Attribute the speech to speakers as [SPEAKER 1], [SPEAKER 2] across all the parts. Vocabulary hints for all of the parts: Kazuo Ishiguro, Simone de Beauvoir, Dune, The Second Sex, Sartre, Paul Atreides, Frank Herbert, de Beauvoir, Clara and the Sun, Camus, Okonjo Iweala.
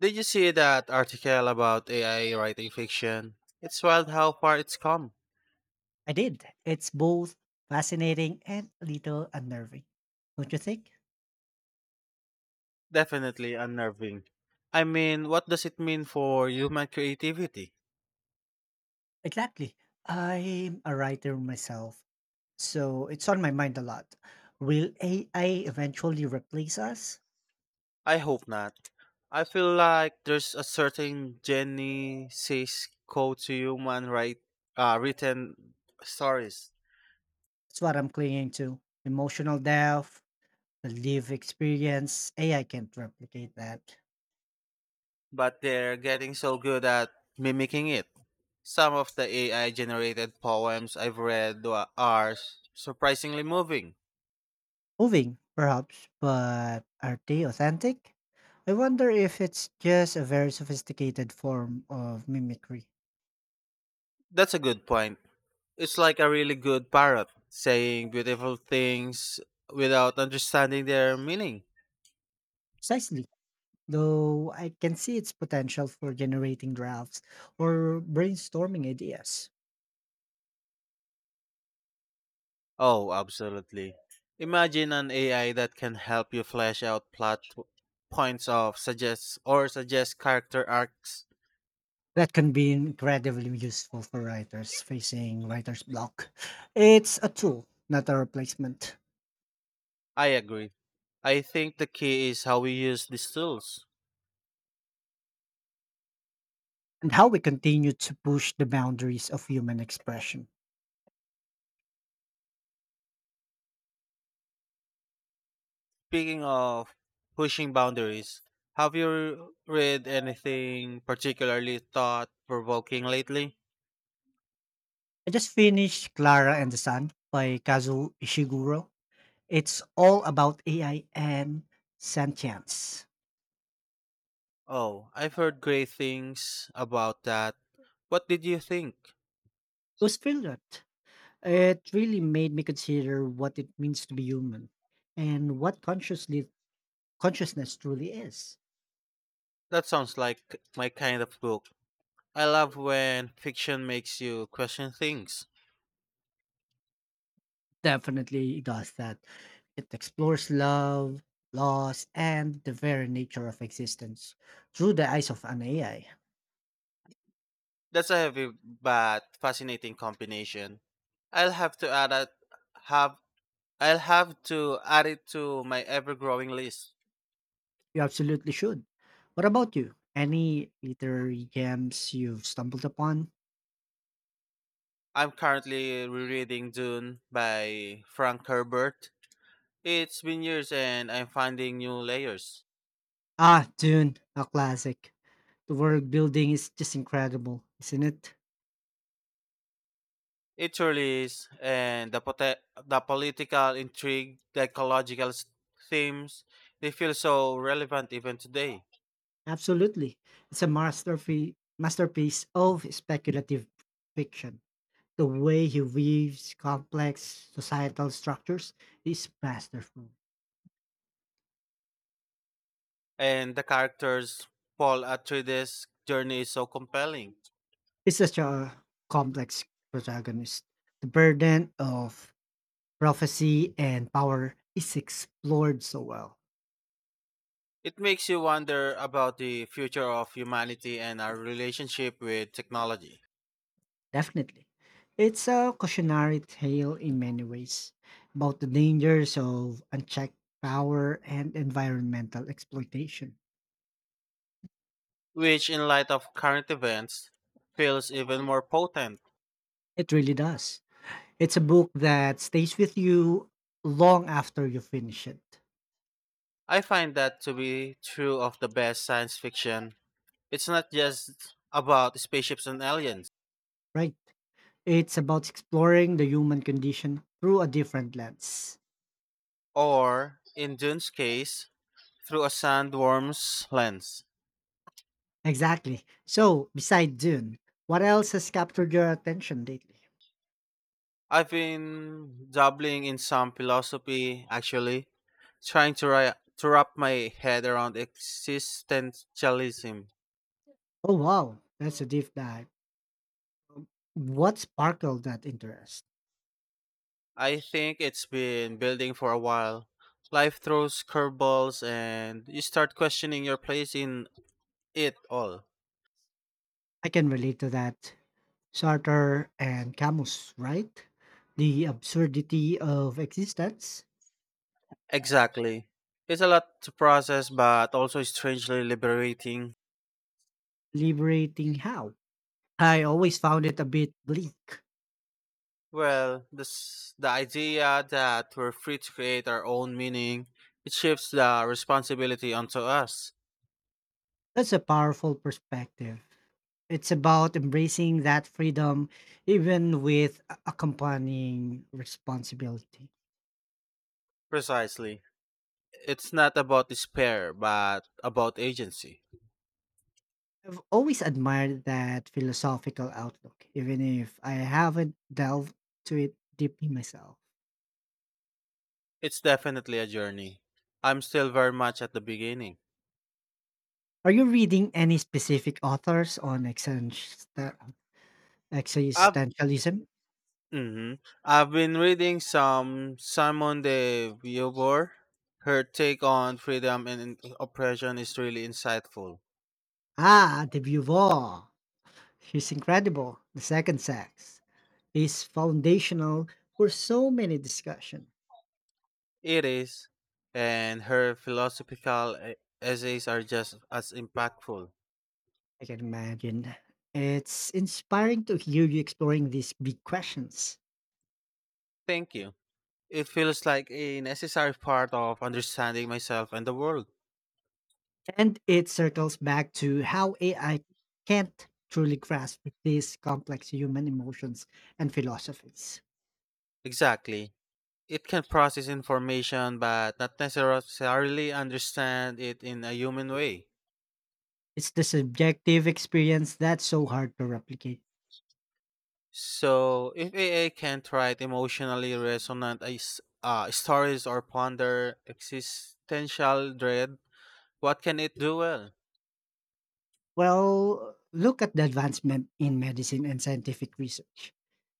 [SPEAKER 1] Did you see that article about AI writing fiction? It's wild how far it's come.
[SPEAKER 2] I did. It's both fascinating and a little unnerving. Don't you think?
[SPEAKER 1] Definitely unnerving. I mean, what does it mean for human creativity?
[SPEAKER 2] Exactly. I'm a writer myself, so it's on my mind a lot. Will AI eventually replace us?
[SPEAKER 1] I hope not. I feel like there's a certain Jenny says code to human write, written stories,
[SPEAKER 2] That's what I'm clinging to. Emotional depth, the lived experience. AI can't replicate that.
[SPEAKER 1] but they're getting so good at mimicking it. Some of the AI generated poems I've read are surprisingly moving.
[SPEAKER 2] Moving, perhaps, but are they authentic? I wonder if it's just a very sophisticated form of mimicry.
[SPEAKER 1] That's a good point. It's like a really good parrot saying beautiful things without understanding their meaning.
[SPEAKER 2] Precisely, though I can see its potential for generating drafts or brainstorming ideas.
[SPEAKER 1] Oh, absolutely. Imagine an AI that can help you flesh out plot points of suggest or suggest character arcs.
[SPEAKER 2] That can be incredibly useful for writers facing writer's block. It's a tool, not a replacement,
[SPEAKER 1] I agree. I think the key is how we use these tools.
[SPEAKER 2] and how we continue to push the boundaries of human expression.
[SPEAKER 1] Speaking of pushing boundaries, have you read anything particularly thought provoking lately?
[SPEAKER 2] I just finished Clara and the Sun by Kazuo Ishiguro. It's all about AI and sentience.
[SPEAKER 1] Oh, I've heard great things about that. What did you think?
[SPEAKER 2] It was brilliant. It really made me consider what it means to be human and what consciously consciousness truly is.
[SPEAKER 1] That sounds like my kind of book. I love when fiction makes you question things.
[SPEAKER 2] Definitely does that. It explores love, loss, and the very nature of existence through the eyes of an AI.
[SPEAKER 1] That's a heavy but fascinating combination. I'll have to add it. Have I'll have to add it to my ever growing list.
[SPEAKER 2] You absolutely should. What about you? Any literary gems you've stumbled upon?
[SPEAKER 1] I'm currently rereading Dune by Frank Herbert. It's been years and I'm finding new layers.
[SPEAKER 2] Ah, Dune, a classic. The world building is just incredible, isn't it?
[SPEAKER 1] It surely is, and the political intrigue, themes, they feel so relevant even today.
[SPEAKER 2] Absolutely. It's a masterpiece of speculative fiction. The way he weaves complex societal structures is masterful.
[SPEAKER 1] And the characters, Paul Atreides' journey is so compelling.
[SPEAKER 2] It's such a complex protagonist. The burden of prophecy and power is explored so well.
[SPEAKER 1] It makes you wonder about the future of humanity and our relationship with technology,
[SPEAKER 2] Definitely. It's a cautionary tale in many ways about the dangers of unchecked power and environmental exploitation.
[SPEAKER 1] which, in light of current events, feels even more potent.
[SPEAKER 2] It really does. It's a book that stays with you long after you finish it,
[SPEAKER 1] I find that to be true of the best science fiction. It's not just about spaceships and aliens,
[SPEAKER 2] right? It's about exploring the human condition through a different lens.
[SPEAKER 1] or in Dune's case, through a sandworm's lens.
[SPEAKER 2] Exactly. So, beside Dune, what else has captured your attention lately?
[SPEAKER 1] I've been dabbling in some philosophy, actually, trying to wrap my head around existentialism.
[SPEAKER 2] Oh, wow. That's a deep dive. What sparkled that interest?
[SPEAKER 1] I think it's been building for a while. Life throws curveballs, and you start questioning your place in it all.
[SPEAKER 2] I can relate to that. Sartre and Camus, right? The absurdity of existence,
[SPEAKER 1] Exactly. It's a lot to process, but also strangely liberating.
[SPEAKER 2] liberating how. I always found it a bit bleak.
[SPEAKER 1] Well, the idea that we're free to create our own meaning, it shifts the responsibility onto us.
[SPEAKER 2] That's a powerful perspective. It's about embracing that freedom even with accompanying responsibility.
[SPEAKER 1] Precisely. It's not about despair, but about agency.
[SPEAKER 2] I've always admired that philosophical outlook, even if I haven't delved to it deeply myself.
[SPEAKER 1] It's definitely a journey. I'm still very much at the beginning.
[SPEAKER 2] Are you reading any specific authors on
[SPEAKER 1] I've
[SPEAKER 2] existentialism?
[SPEAKER 1] hmm I've been reading some Simone de Beauvoir. Her take on freedom and oppression is really insightful.
[SPEAKER 2] Ah, de Beauvoir. He's incredible. The Second Sex is foundational for so many discussion.
[SPEAKER 1] It is, and her essays are just as impactful.
[SPEAKER 2] I can imagine. It's inspiring to hear you exploring these big questions.
[SPEAKER 1] Thank you. It feels like a necessary part of understanding myself and the world.
[SPEAKER 2] And it circles back to how AI can't truly grasp these complex human emotions and philosophies.
[SPEAKER 1] Exactly. It can process information but not necessarily understand it in a human way.
[SPEAKER 2] It's the subjective experience that's so hard to replicate.
[SPEAKER 1] So, if AA can't write emotionally stories or ponder existential dread, what can it do well?
[SPEAKER 2] Well, look at the advancement in medicine and scientific research.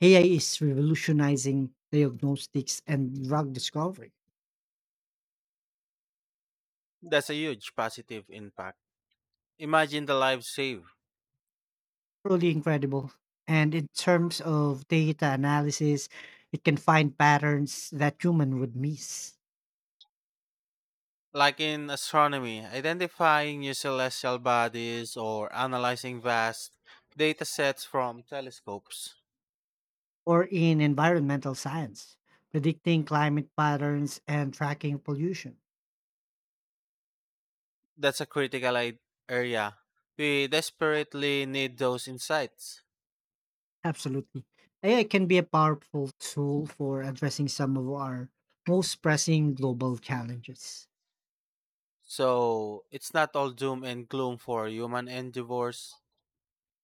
[SPEAKER 2] AI is revolutionizing diagnostics and drug discovery.
[SPEAKER 1] That's a huge positive impact. Imagine the life saved.
[SPEAKER 2] Truly incredible. And in terms of data analysis, it can find patterns that human would miss.
[SPEAKER 1] Like in astronomy, identifying new celestial bodies or analyzing vast data sets from telescopes.
[SPEAKER 2] Or in environmental science, predicting climate patterns and tracking pollution.
[SPEAKER 1] That's a area. We desperately need those insights.
[SPEAKER 2] Absolutely. AI can be a powerful tool for addressing some of our most pressing global challenges.
[SPEAKER 1] So it's not all doom and gloom for human endeavors.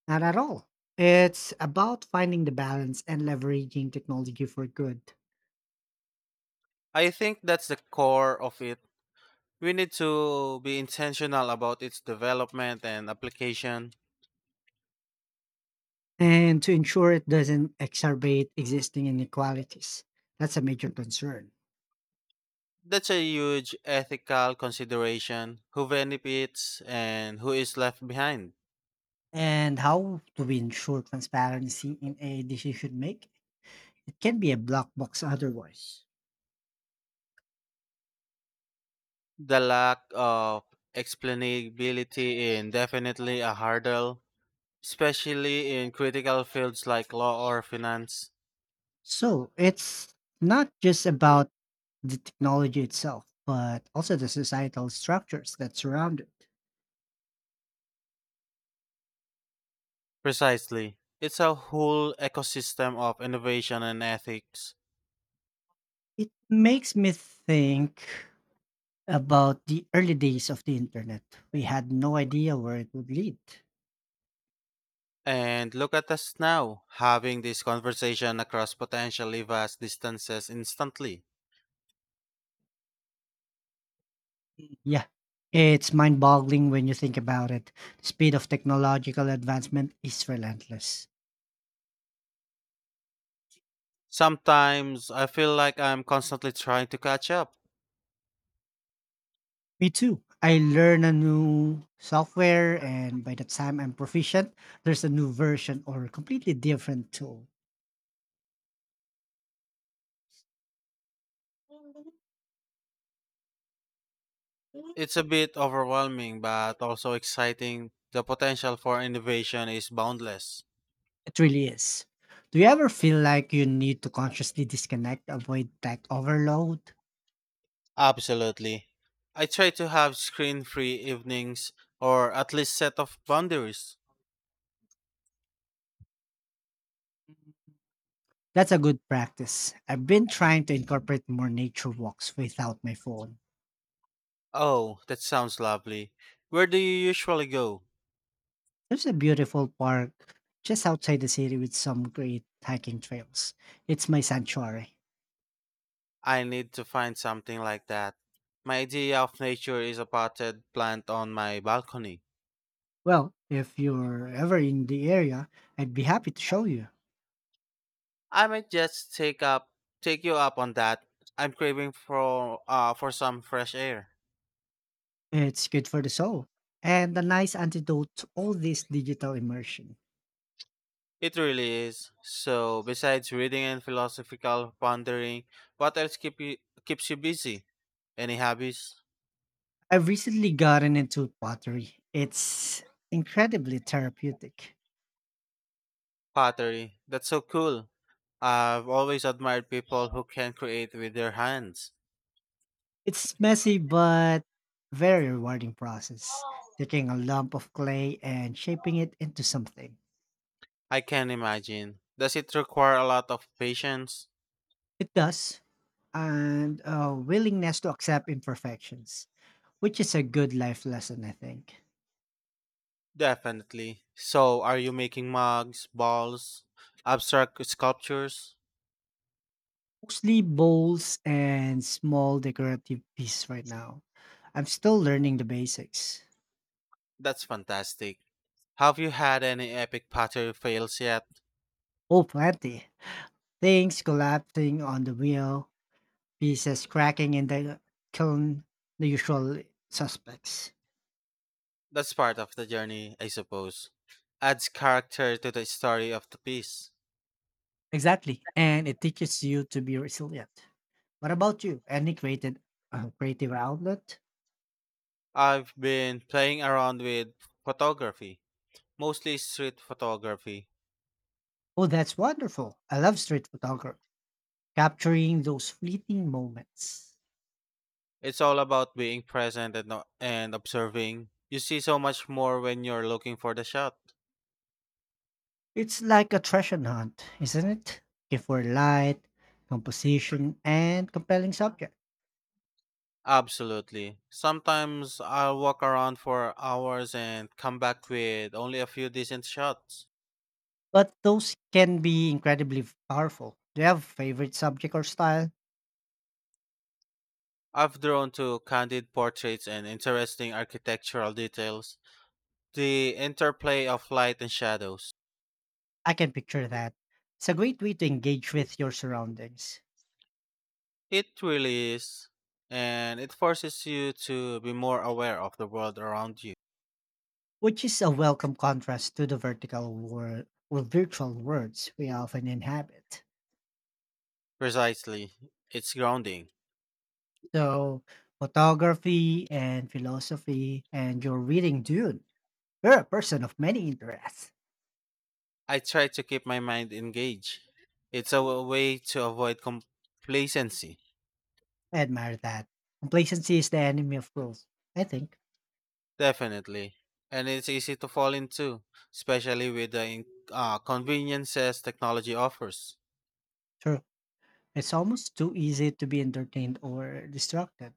[SPEAKER 2] Not at all. It's about finding the balance and leveraging technology for good,
[SPEAKER 1] I think that's the core of it. We need to be intentional about its development and application.
[SPEAKER 2] and to ensure it doesn't exacerbate existing inequalities. That's a major concern.
[SPEAKER 1] That's a huge ethical consideration who benefits and who is left behind.
[SPEAKER 2] And how do we ensure transparency in a decision making? It can be a black box otherwise.
[SPEAKER 1] The lack of explainability is definitely a hurdle, especially in critical fields like law or finance.
[SPEAKER 2] So it's not just about the technology itself, but also the societal structures that surround it.
[SPEAKER 1] Precisely. It's a whole ecosystem of innovation and ethics.
[SPEAKER 2] It makes me think about the early days of the internet. We had no idea where it would lead.
[SPEAKER 1] And look at us now, having this conversation across potentially vast distances instantly.
[SPEAKER 2] Yeah. It's mind boggling when you think about it. The speed of technological advancement is relentless.
[SPEAKER 1] Sometimes I feel like I'm constantly trying to catch up.
[SPEAKER 2] Me too. I learn a new software, and by the time I'm proficient, there's a new version or a completely different tool. It
[SPEAKER 1] It's a bit overwhelming, but also exciting. The potential for innovation is boundless.
[SPEAKER 2] really is. Do you ever feel like you need to consciously disconnect, avoid tech overload?
[SPEAKER 1] Absolutely. I try to have screen free evenings or at least set of boundaries.
[SPEAKER 2] That's a good practice. I've been trying to incorporate more nature walks without my phone.
[SPEAKER 1] Oh, that sounds lovely. Where do you usually go?
[SPEAKER 2] There's a beautiful park just outside the city with some great hiking trails. It's my sanctuary.
[SPEAKER 1] I need to find something like that. My idea of nature is a potted plant on my balcony.
[SPEAKER 2] Well, if you're ever in the area, I'd be happy to show you.
[SPEAKER 1] I might just take you up on that. I'm craving for some fresh air.
[SPEAKER 2] It's good for the soul and a nice antidote to all this digital immersion.
[SPEAKER 1] It really is. So, besides reading and philosophical pondering, what else keeps you busy? Any hobbies?
[SPEAKER 2] I've recently gotten into pottery. It's incredibly therapeutic.
[SPEAKER 1] Pottery. That's so cool. I've always admired people who can create with their hands.
[SPEAKER 2] It's messy but very rewarding process. Taking a lump of clay and shaping it into something.
[SPEAKER 1] I can imagine. Does it require a lot of patience?
[SPEAKER 2] It does, and a willingness to accept imperfections, which is a good life lesson, I think.
[SPEAKER 1] Definitely. So, are you making mugs, balls, abstract sculptures?
[SPEAKER 2] Mostly bowls and small decorative pieces right now. I'm still learning the basics.
[SPEAKER 1] That's fantastic. Have you had any epic pottery fails yet?
[SPEAKER 2] Oh, plenty. Things collapsing on the wheel, pieces cracking in the kiln, the usual suspects.
[SPEAKER 1] That's part of the journey, I suppose. Adds character to the story of the piece.
[SPEAKER 2] Exactly. And it teaches you to be resilient. What about you? Any created creative outlet?
[SPEAKER 1] I've been playing around with photography, mostly street photography.
[SPEAKER 2] Oh, that's wonderful. I love street photography, capturing those fleeting moments.
[SPEAKER 1] It's all about being present and observing. You see so much more when you're looking for the shot.
[SPEAKER 2] It's like a treasure hunt, isn't it? If for light, composition, and compelling subject.
[SPEAKER 1] Absolutely. Sometimes I'll walk around for hours and come back with only a few decent shots.
[SPEAKER 2] But those can be incredibly powerful. Do you have a favorite subject or style?
[SPEAKER 1] I've drawn to candid portraits and interesting architectural details, the interplay of light and shadows.
[SPEAKER 2] I can picture that. It's a great way to engage with your surroundings,
[SPEAKER 1] It really is, and it forces you to be more aware of the world around you.
[SPEAKER 2] which is a welcome contrast to the vertical world or virtual worlds we often inhabit.
[SPEAKER 1] Precisely, it's grounding.
[SPEAKER 2] So, photography and philosophy, and you're reading Dune. You're a person of many interests.
[SPEAKER 1] I try to keep my mind engaged. It's a way to avoid complacency,
[SPEAKER 2] I admire that. Complacency is the enemy of growth, I think.
[SPEAKER 1] definitely, and it's easy to fall into, especially with conveniences technology offers.
[SPEAKER 2] Sure. It's almost too easy to be entertained or distracted.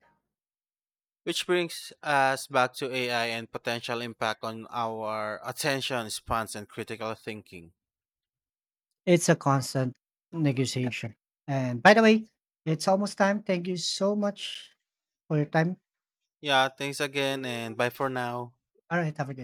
[SPEAKER 1] Which brings us back to AI and potential impact on our attention spans and critical thinking.
[SPEAKER 2] It's a constant negotiation. And by the way, it's almost time. Thank you so much for your time.
[SPEAKER 1] Yeah, thanks again and bye for now.
[SPEAKER 2] All right, have a good